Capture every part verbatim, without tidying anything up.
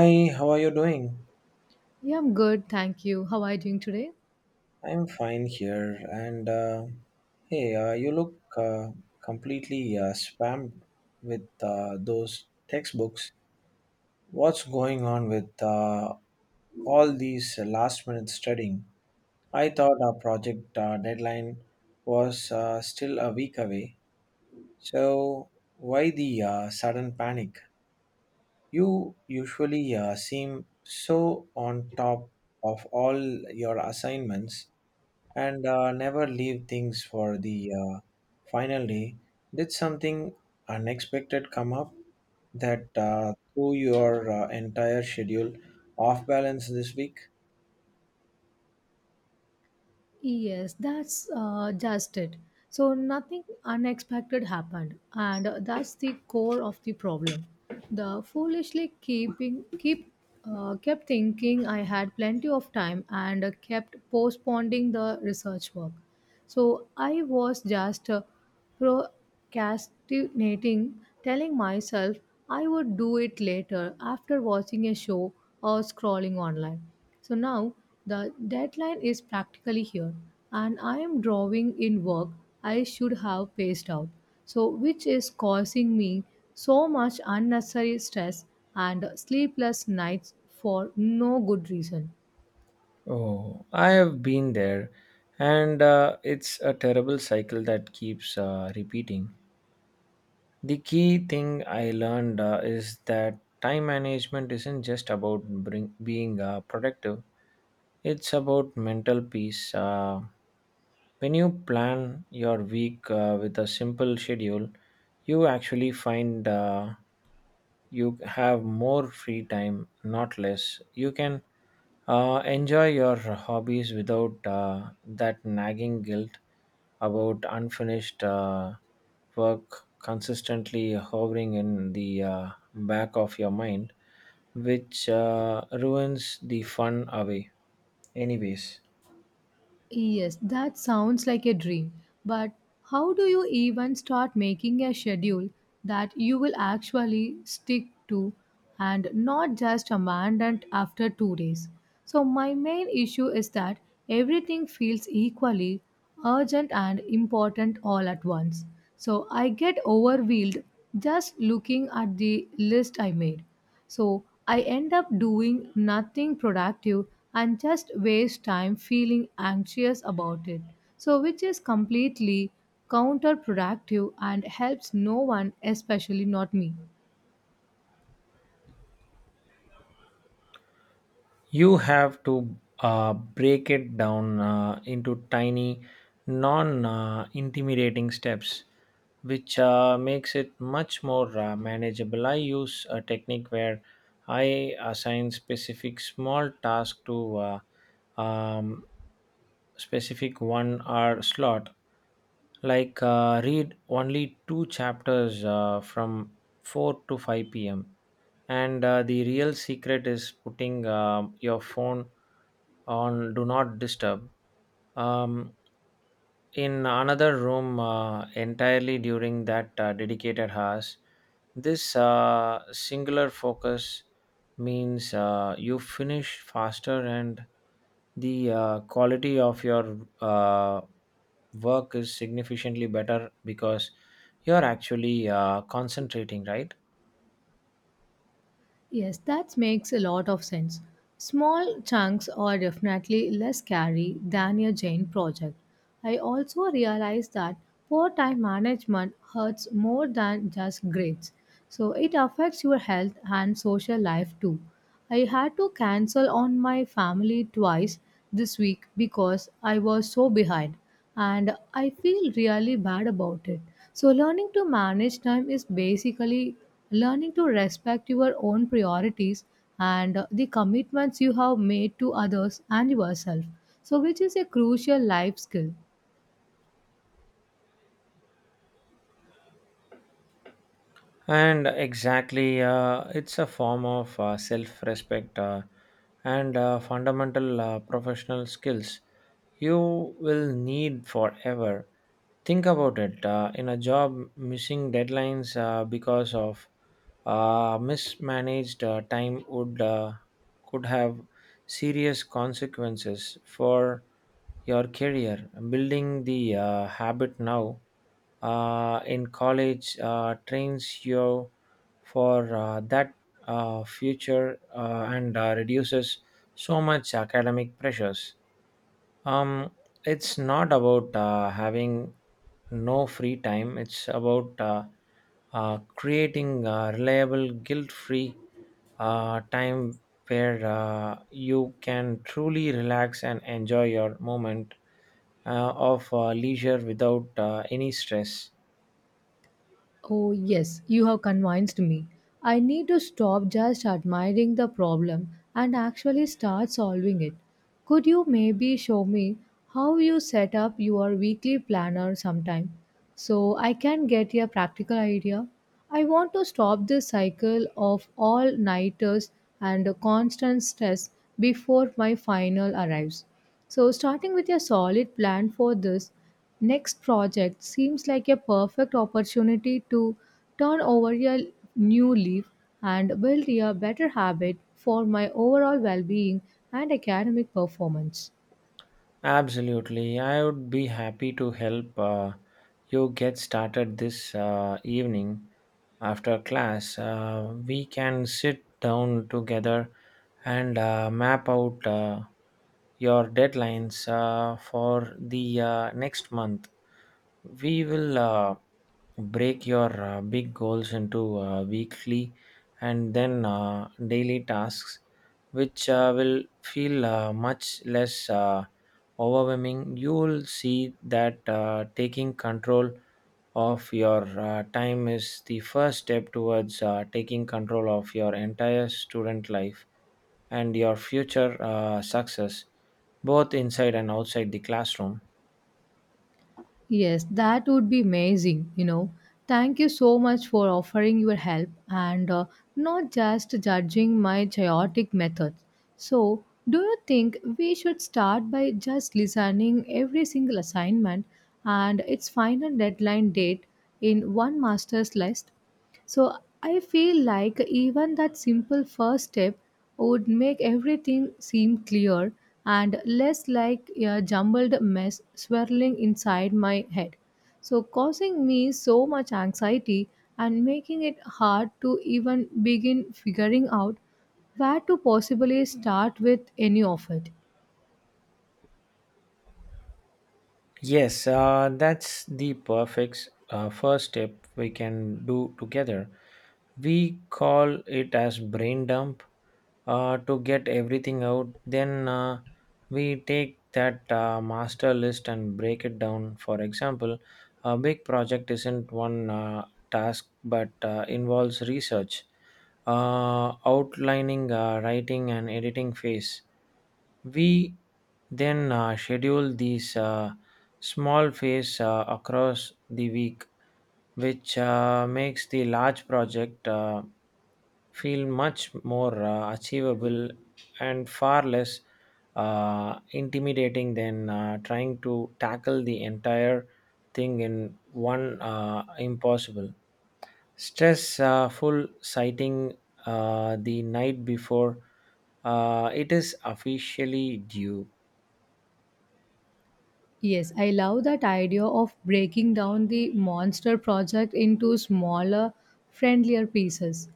Hi, how are you doing? Yeah, I'm good, thank you. How are you doing today? I'm fine here. And uh, hey, uh, you look uh, completely uh, spammed with uh, those textbooks. What's going on with uh, all these last minute studying? I thought our project uh, deadline was uh, still a week away. So, why the uh, sudden panic? You usually uh, seem so on top of all your assignments and uh, never leave things for the uh, final day. Did something unexpected come up that uh, threw your uh, entire schedule off balance this week? Yes, that's uh, just it. So, nothing unexpected happened, and uh, that's the core of the problem. The foolishly keeping keep uh, kept thinking I had plenty of time and uh, kept postponing the research work. So I was just uh, procrastinating, telling myself I would do it later after watching a show or scrolling online. So now the deadline is practically here and I am drawing in work I should have paced out. So which is causing me so much unnecessary stress and sleepless nights for no good reason. Oh, I have been there, and uh, it's a terrible cycle that keeps uh, repeating. The key thing I learned uh, is that time management isn't just about bring, being uh, productive, it's about mental peace. Uh, when you plan your week uh, with a simple schedule, you actually find uh, you have more free time, not less. You can uh, enjoy your hobbies without uh, that nagging guilt about unfinished uh, work consistently hovering in the uh, back of your mind, which uh, ruins the fun away. Anyways, Yes, that sounds like a dream. But how do you even start making a schedule that you will actually stick to and not just abandon after two days? So my main issue is that everything feels equally urgent and important all at once. So I get overwhelmed just looking at the list I made. So I end up doing nothing productive and just waste time feeling anxious about it. So which is completely counterproductive and helps no one, especially not me. you have to uh, break it down uh, into tiny, non uh, intimidating steps which uh, makes it much more uh, manageable. I use a technique where I assign specific small tasks to uh, um, specific one hour slot, like uh, read only two chapters uh, from four to five p m. And uh, the real secret is putting um your phone on do not disturb um, in another room uh, entirely during that uh, dedicated hours. This uh, singular focus means uh, you finish faster and the uh, quality of your uh, work is significantly better because you're actually uh, concentrating, right? Yes, that makes a lot of sense. Small chunks are definitely less scary than a giant project. I also realized that poor time management hurts more than just grades. So it affects your health and social life too. I had to cancel on my family twice this week because I was so behind and I feel really bad about it. So, learning to manage time is basically learning to respect your own priorities and uh, the commitments you have made to others and yourself. So which is a crucial life skill. And exactly, uh, it's a form of uh, self respect uh, and uh, fundamental uh, professional skills you will need forever. Think about it. Uh, in a job, missing deadlines uh, because of uh, mismanaged uh, time would uh, could have serious consequences for your career. Building the uh, habit now uh, in college uh, trains you for uh, that uh, future uh, and uh, reduces so much academic pressures. Um, it's not about uh, having no free time. It's about uh, uh, creating uh, reliable, guilt-free uh, time where uh, you can truly relax and enjoy your moment uh, of uh, leisure without uh, any stress. Oh, yes, you have convinced me. I need to stop just admiring the problem and actually start solving it. Could you maybe show me how you set up your weekly planner sometime so I can get a practical idea? I want to stop this cycle of all nighters and constant stress before my final arrives. So starting with a solid plan for this next project seems like a perfect opportunity to turn over a new leaf and build a better habit for my overall well being and academic performance. Absolutely, I would be happy to help uh, you get started this uh, evening. After class, uh, we can sit down together and uh, map out uh, your deadlines uh, for the uh, next month. We will uh, break your uh, big goals into uh, weekly and then uh, daily tasks which uh, will feel uh, much less uh, overwhelming. You will see that uh, taking control of your uh, time is the first step towards uh, taking control of your entire student life and your future uh, success, both inside and outside the classroom. Yes, that would be amazing, you know. Thank you so much for offering your help and uh, not just judging my chaotic methods. So do you think we should start by just listening every single assignment and its final deadline date in one master's list? So I feel like even that simple first step would make everything seem clear and less like a jumbled mess swirling inside my head. So causing me so much anxiety and making it hard to even begin figuring out where to possibly start with any of it. Yes, uh, that's the perfect uh, first step we can do together. We call it as brain dump uh, to get everything out. Then uh, we take that uh, master list and break it down. For example, a big project isn't one uh, task but uh, involves research, uh, outlining, uh, writing, and editing phase. We then uh, schedule these uh, small phase uh, across the week, which uh, makes the large project uh, feel much more uh, achievable and far less uh, intimidating than uh, trying to tackle the entire thing in one uh, impossible stress uh, full sighting uh, the night before uh, it is officially due. Yes, I love that idea of breaking down the monster project into smaller, friendlier pieces.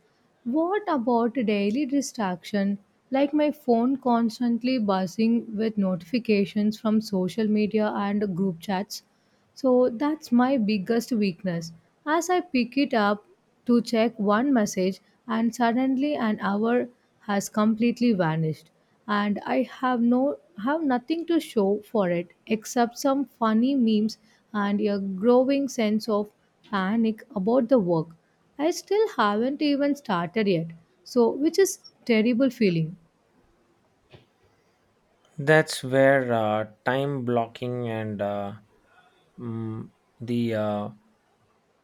What about daily distraction, like my phone constantly buzzing with notifications from social media and group chats? So that's my biggest weakness. As I pick it up to check one message, and suddenly an hour has completely vanished, and I have no have nothing to show for it except some funny memes and a growing sense of panic about the work. I still haven't even started yet, so which is terrible feeling. That's where uh, time blocking and uh, mm, the uh,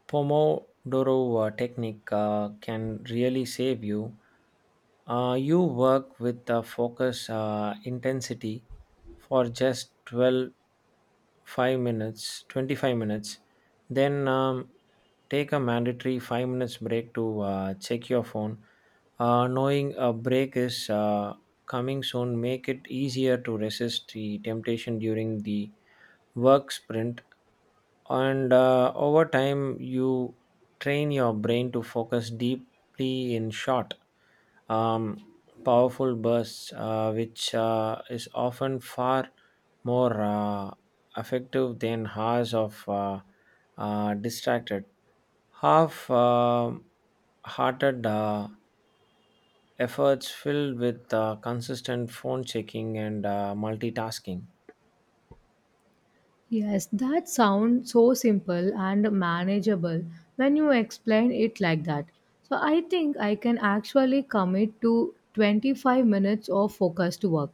Pomodoro uh, technique uh, can really save you. Uh, you work with the focus uh, intensity for just twelve five minutes twenty five minutes, then um, take a mandatory five minutes break to uh, check your phone. Uh, knowing a break is uh, coming soon make it easier to resist the temptation during the work sprint, and uh, over time you train your brain to focus deeply in short um, powerful bursts uh, which uh, is often far more uh, effective than hours of uh, uh, distracted half um hearted uh, efforts filled with uh, consistent phone checking and uh, multitasking. Yes, that sounds so simple and manageable when you explain it like that. So I think I can actually commit to twenty-five minutes of focused work.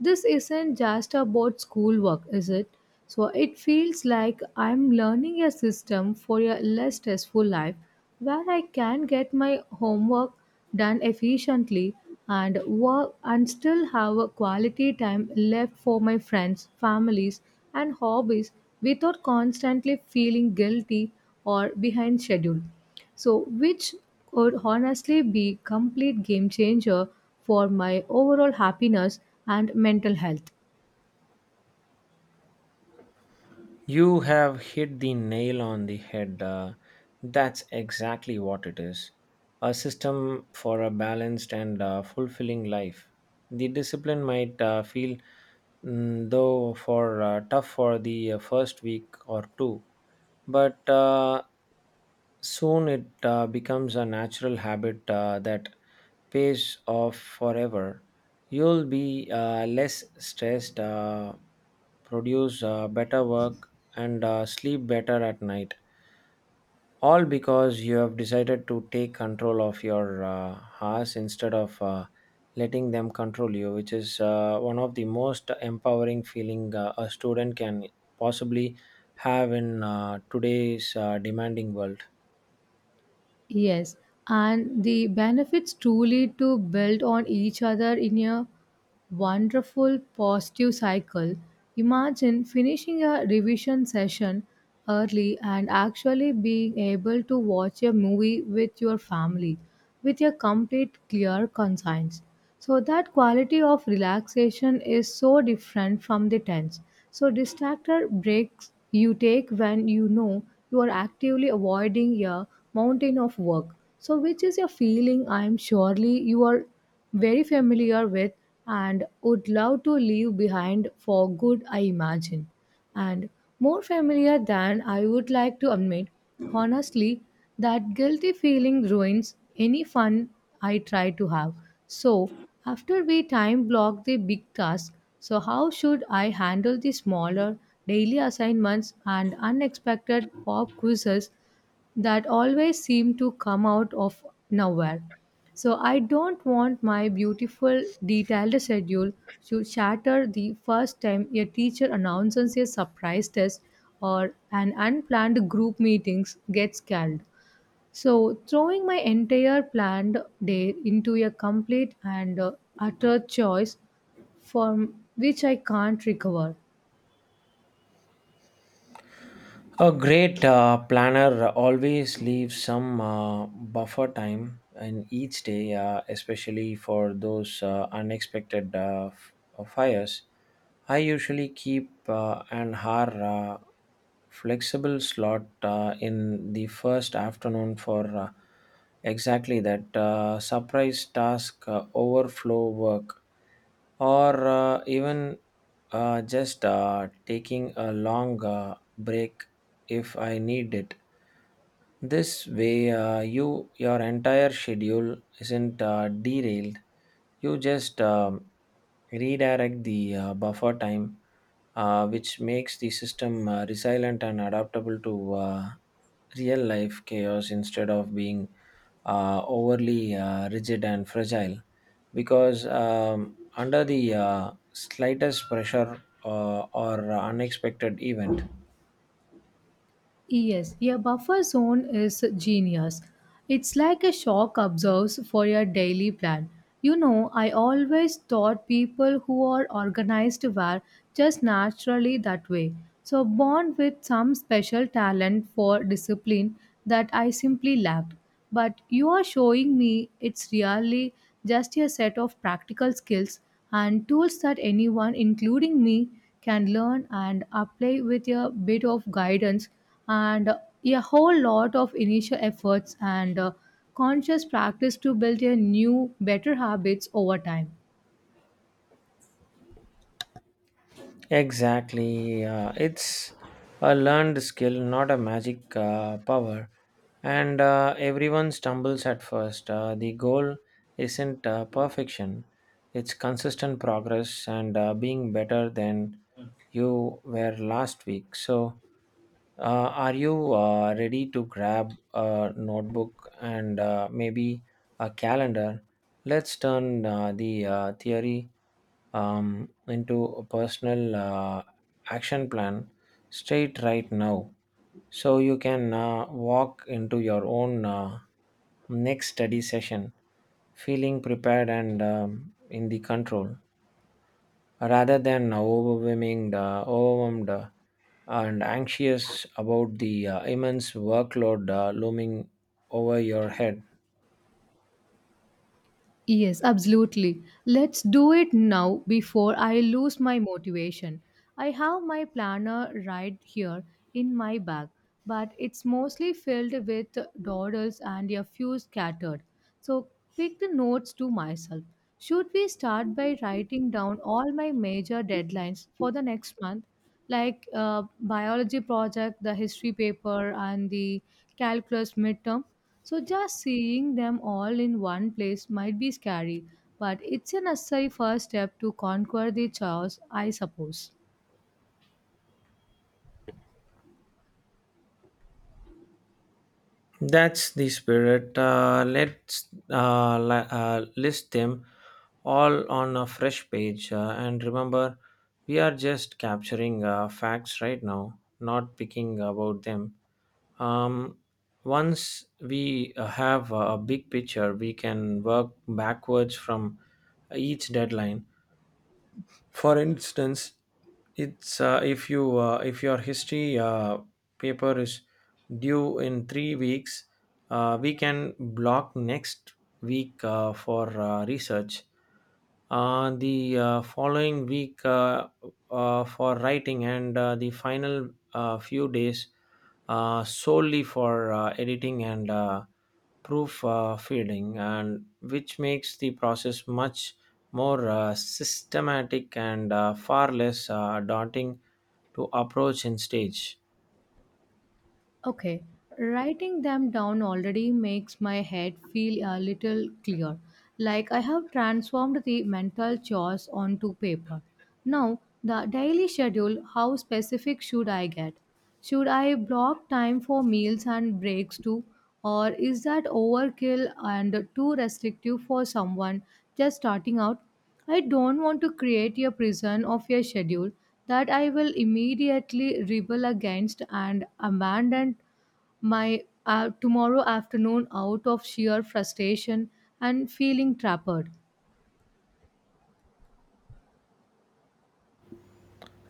This isn't just about schoolwork, is it? So it feels like I'm learning a system for a less stressful life where I can get my homework done efficiently and work and still have a quality time left for my friends, families, and hobbies without constantly feeling guilty or behind schedule. So which could honestly be complete game changer for my overall happiness and mental health. You have hit the nail on the head. Uh, that's exactly what it is, a system for a balanced and uh, fulfilling life. The discipline might uh, feel, mm, though, for uh, tough for the uh, first week or two, but uh, soon it uh, becomes a natural habit uh, that pays off forever. You'll be uh, less stressed, uh, produce uh, better work, and uh, sleep better at night. All because you have decided to take control of your uh, hours instead of uh, letting them control you, which is uh, one of the most empowering feeling uh, a student can possibly have in uh, today's uh, demanding world. Yes, and the benefits truly to build on each other in a wonderful positive cycle. Imagine finishing a revision session early and actually being able to watch a movie with your family with a complete clear conscience. So that quality of relaxation is so different from the tense. So distractor breaks you take when you know you are actively avoiding a mountain of work. So which is a feeling I am surely you are very familiar with and would love to leave behind for good I imagine and more familiar than I would like to admit. Honestly, that guilty feeling ruins any fun I try to have. So after we time block the big task, so how should I handle the smaller daily assignments and unexpected pop quizzes that always seem to come out of nowhere. So I don't want my beautiful detailed schedule to shatter the first time a teacher announces a surprise test or an unplanned group meetings gets called. So throwing my entire planned day into a complete and uh, utter choice from which I can't recover. A great uh, planner always leaves some uh, buffer time in each day, uh, especially for those uh, unexpected uh, f- uh, fires. I usually keep uh, an hour uh, flexible slot uh, in the first afternoon for uh, exactly that uh, surprise task uh, overflow work, or uh, even uh, just uh, taking a long uh, break if I need it. This way, uh, you your entire schedule isn't uh, derailed. You just um, redirect the uh, buffer time, uh, which makes the system uh, resilient and adaptable to uh, real life chaos instead of being uh, overly uh, rigid and fragile. Because um, under the uh, slightest pressure uh, or unexpected event, Yes, a buffer zone is genius. It's like a shock absorbs for your daily plan. You know, I always thought people who are organized were just naturally that way. So born with some special talent for discipline that I simply lacked. But you are showing me it's really just a set of practical skills and tools that anyone, including me, can learn and apply with a bit of guidance and a whole lot of initial efforts and uh, conscious practice to build a new better habits over time. exactly. Uh, it's a learned skill, not a magic uh, power. And uh, everyone stumbles at first. Uh, the goal isn't uh, perfection, it's consistent progress and uh, being better than you were last week. So, uh, are you uh, ready to grab a notebook and uh, maybe a calendar? Let's turn uh, the uh, theory um, into a personal uh, action plan straight right now so you can uh, walk into your own uh, next study session feeling prepared and um, in the control rather than overwhelming uh, overwhelmed uh, and anxious about the uh, immense workload uh, looming over your head. Yes, absolutely, let's do it now before I lose my motivation. I have my planner right here in my bag, but it's mostly filled with dawdles and a few scattered. So pick the notes to myself. Should we start by writing down all my major deadlines for the next month, like uh, biology project, the history paper, and the calculus midterm? So just seeing them all in one place might be scary, but it's a necessary first step to conquer the chaos, I suppose. That's the spirit. Uh, let's uh, li- uh, list them all on a fresh page. Uh, and remember, we are just capturing uh, facts right now, not picking about them. Um, Once we uh, have a big picture, we can work backwards from each deadline. For instance, it's uh, if you uh, if your history uh, paper is due in three weeks, uh, we can block next week uh, for uh, research. Uh, the uh, following week uh, uh, for writing, and uh, the final uh, few days uh, solely for uh, editing and uh, proof uh, feeding, and which makes the process much more uh, systematic and uh, far less uh, daunting to approach in stage. Okay, writing them down already makes my head feel a little clear. Like I have transformed the mental chores onto paper. Now, the daily schedule how specific should I get? Should I block time for meals and breaks too? Or is that overkill and too restrictive for someone just starting out? I don't want to create a prison of a schedule that I will immediately rebel against and abandon my uh, tomorrow afternoon out of sheer frustration and feeling trapped.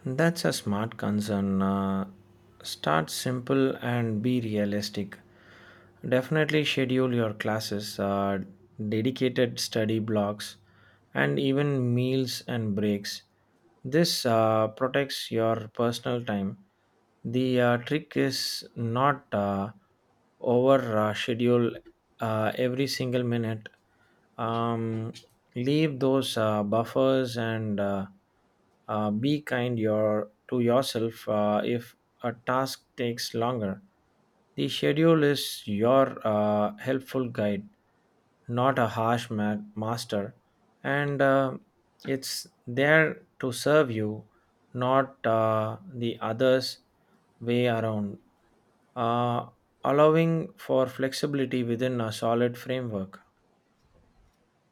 That's a smart concern. Uh, start simple and be realistic. Definitely schedule your classes, uh, dedicated study blocks, and even meals and breaks. This uh, protects your personal time. The uh, trick is not uh, over uh, schedule uh, every single minute. Um, Leave those uh, buffers and uh, uh, be kind your, to yourself uh, if a task takes longer. The schedule is your uh, helpful guide, not a harsh ma- master, and uh, it's there to serve you, not uh, the others' way around, uh, allowing for flexibility within a solid framework.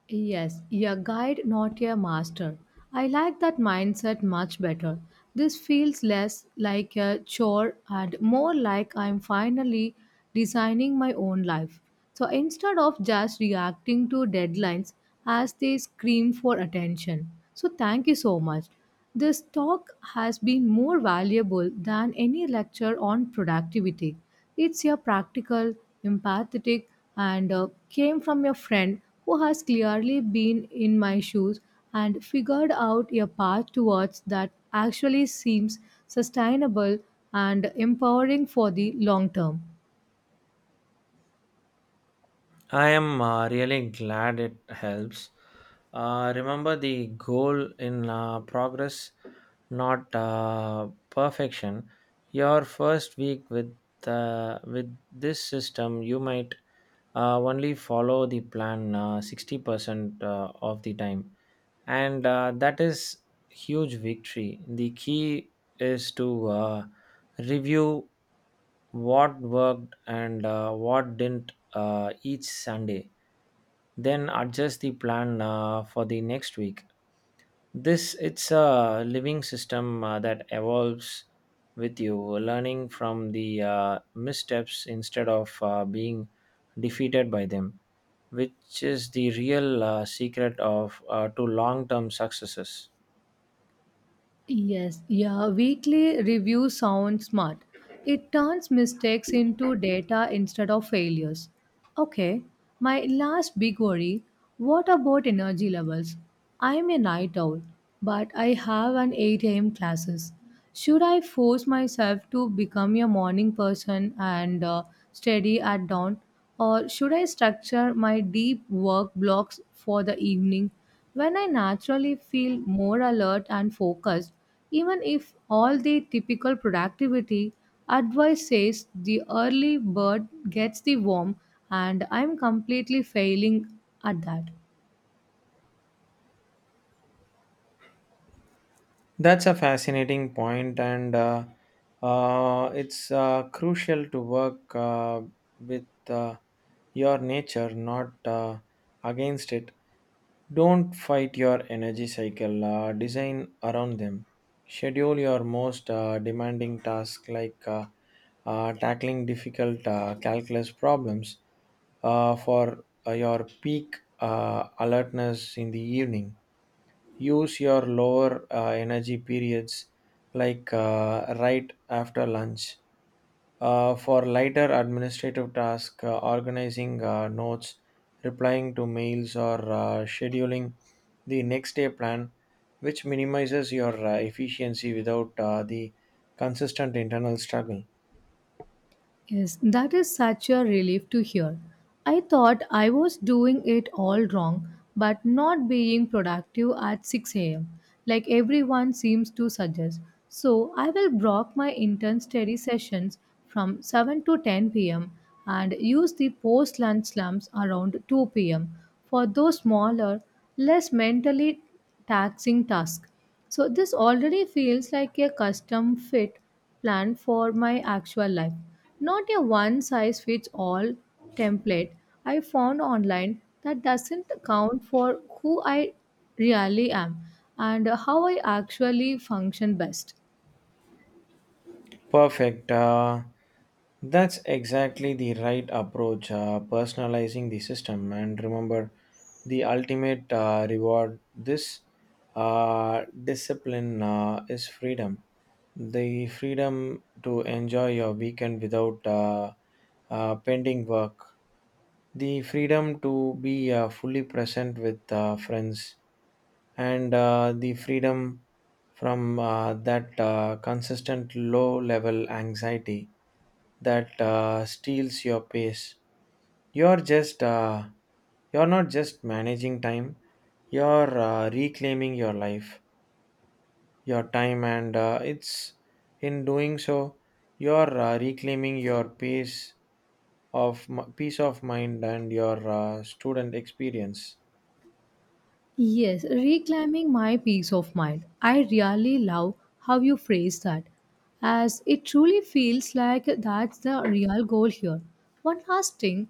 Yes, your guide, not your master. I like that mindset much better. This feels less like a chore and more like I'm finally designing my own life. So instead of just reacting to deadlines as they scream for attention. So thank you so much. This talk has been more valuable than any lecture on productivity. It's a practical, empathetic, and uh, came from a friend who has clearly been in my shoes and figured out a path towards that actually seems sustainable and empowering for the long term. I am uh, really glad it helps. Uh, remember the goal in uh, progress, not uh, perfection. Your first week with uh, with this system, you might uh, only follow the plan uh, sixty percent uh, of the time, and uh, that is huge victory. The key is to uh, review what worked and uh, what didn't uh, each Sunday, then adjust the plan uh, for the next week. This it's a living system uh, that evolves with you, learning from the uh, missteps instead of uh, being defeated by them, which is the real uh, secret of uh, to long-term successes. Yes, yeah, weekly review sounds smart. It turns mistakes into data instead of failures. Okay, my last big worry what about energy levels? I'm a night owl, but I have an eight a m classes. Should I force myself to become a morning person and uh, study at dawn? Or should I structure my deep work blocks for the evening, when I naturally feel more alert and focused, even if all the typical productivity advice says the early bird gets the worm, and I'm completely failing at that. That's a fascinating point, and uh, uh, it's uh, crucial to work uh, with uh, your nature, not uh, against it. Don't fight your energy cycle, uh, design around them. Schedule your most uh, demanding tasks, like uh, uh, tackling difficult uh, calculus problems uh, for uh, your peak uh, alertness in the evening. Use your lower uh, energy periods, like uh, right after lunch, uh, for lighter administrative tasks, uh, organizing uh, notes, replying to mails, or uh, scheduling the next day plan, which minimizes your uh, efficiency without uh, the consistent internal struggle. Yes, that is such a relief to hear. I thought I was doing it all wrong, but not being productive at six a m, like everyone seems to suggest. So I will block my intern study sessions from seven to ten p m and use the post lunch slumps around two p m for those smaller, less mentally taxing tasks. So this already feels like a custom fit plan for my actual life. Not a one size fits all template I found online that doesn't account for who I really am and how I actually function best. Perfect. Uh, that's exactly the right approach. Uh, personalizing the system, and remember, the ultimate uh, reward this uh, discipline uh, is freedom. The freedom to enjoy your weekend without uh, uh, pending work. The freedom to be uh, fully present with uh, friends, and uh, the freedom from uh, that uh, consistent low level anxiety that uh, steals your pace. you're just uh, you're not just managing time, you're uh, reclaiming your life, your time, and uh, it's in doing so you're uh, reclaiming your pace of m- peace of mind and your uh, student experience. Yes, reclaiming my peace of mind. I really love how you phrase that, as it truly feels like that's the real goal here. One last thing,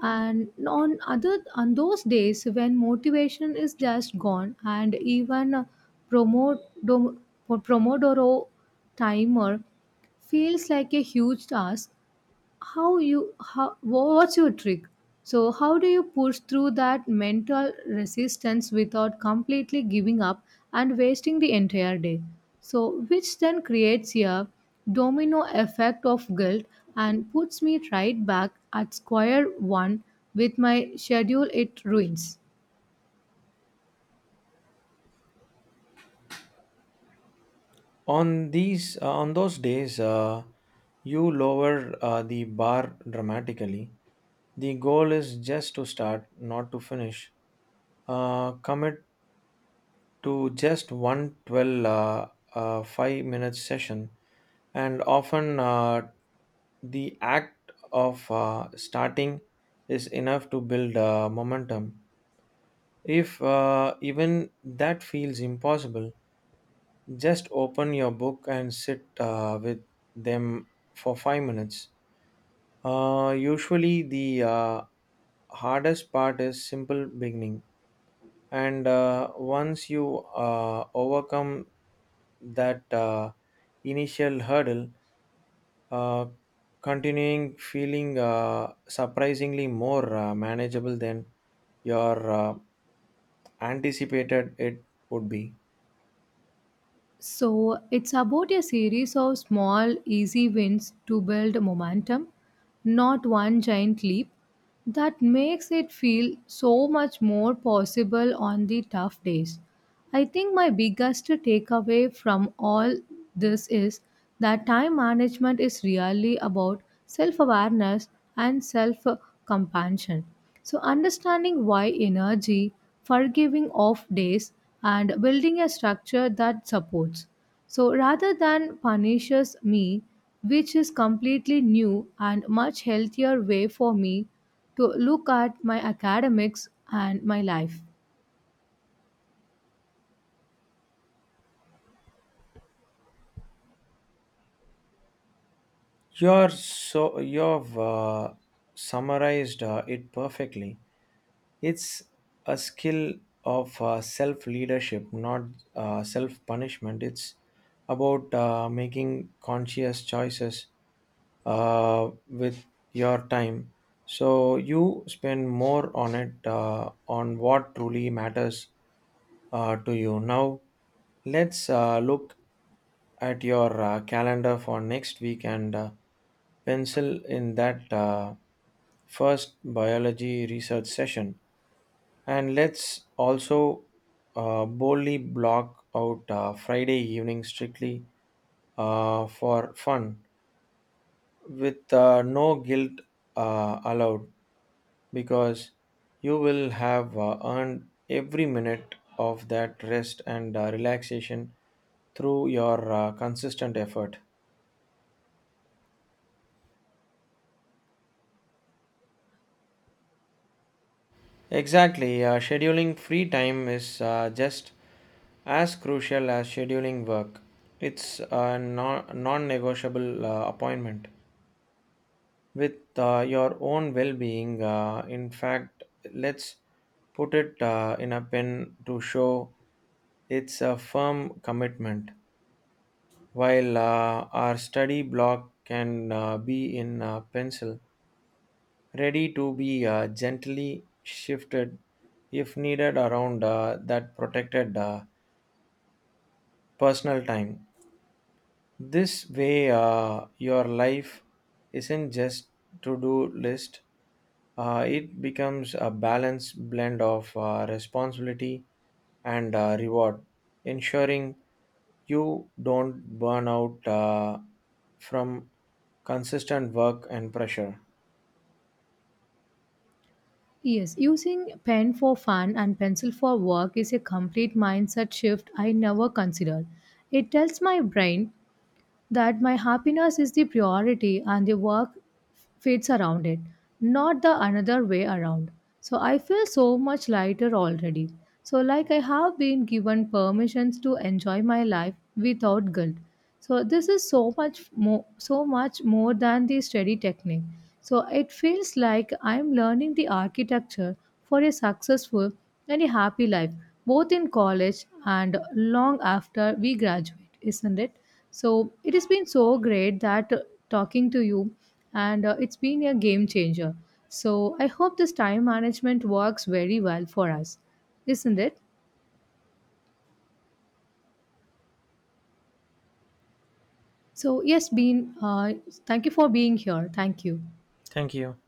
and on other on those days when motivation is just gone, and even a promo, dom- Pomodoro timer feels like a huge task. How you how wha- What's your trick? So how do you push through that mental resistance without completely giving up and wasting the entire day? So which then creates a domino effect of guilt and puts me right back at square one with my schedule it ruins. On these uh, on those days uh, you lower uh, the bar dramatically. The goal is just to start, not to finish. Uh, commit to just one 12 uh, uh, five minute session, and often uh, the act of uh, starting is enough to build uh, momentum. If uh, even that feels impossible, just open your book and sit uh, with them for five minutes. Uh, usually, the uh, hardest part is simple beginning, and uh, once you uh, overcome that uh, initial hurdle, uh, continuing feeling uh, surprisingly more uh, manageable than your uh, anticipated it would be. So it's about a series of small easy wins to build momentum, not one giant leap. That makes it feel so much more possible on the tough days. I think my biggest takeaway from all this is that time management is really about self awareness and self compassion. So, understanding why energy, forgiving off days, and building a structure that supports. So rather than punishes me, which is completely new and much healthier way for me to look at my academics and my life. You're so you've uh, summarized uh, it perfectly. It's a skill of uh, self leadership, not uh, self punishment. It's about uh, making conscious choices uh, with your time. So you spend more on it, uh, on what truly matters uh, to you. Now, let's uh, look at your uh, calendar for next week and uh, pencil in that uh, first biology research session. And let's also uh, boldly block out uh, Friday evening strictly uh, for fun, with uh, no guilt uh, allowed, because you will have uh, earned every minute of that rest and uh, relaxation through your uh, consistent effort. Exactly, uh, scheduling free time is uh, just as crucial as scheduling work. It's a non negotiable uh, appointment with uh, your own well being. Uh, in fact, let's put it uh, in a pen to show it's a firm commitment, while uh, our study block can uh, be in uh, pencil, ready to be uh, gently shifted if needed around uh, that protected uh, personal time. This way, uh, your life isn't just to do list, uh, it becomes a balanced blend of uh, responsibility and uh, reward, ensuring you don't burn out uh, from consistent work and pressure. Yes, using pen for fun and pencil for work is a complete mindset shift I never considered. It tells my brain that my happiness is the priority and the work fits around it, not the another way around. So I feel so much lighter already. So, like, I have been given permissions to enjoy my life without guilt. So this is so much more, so much more than the study technique. So it feels like I'm learning the architecture for a successful and a happy life, both in college and long after we graduate, isn't it? So it has been so great that uh, talking to you, and uh, it's been a game changer. So I hope this time management works very well for us, isn't it? So yes, been. Uh, thank you for being here. Thank you. Thank you.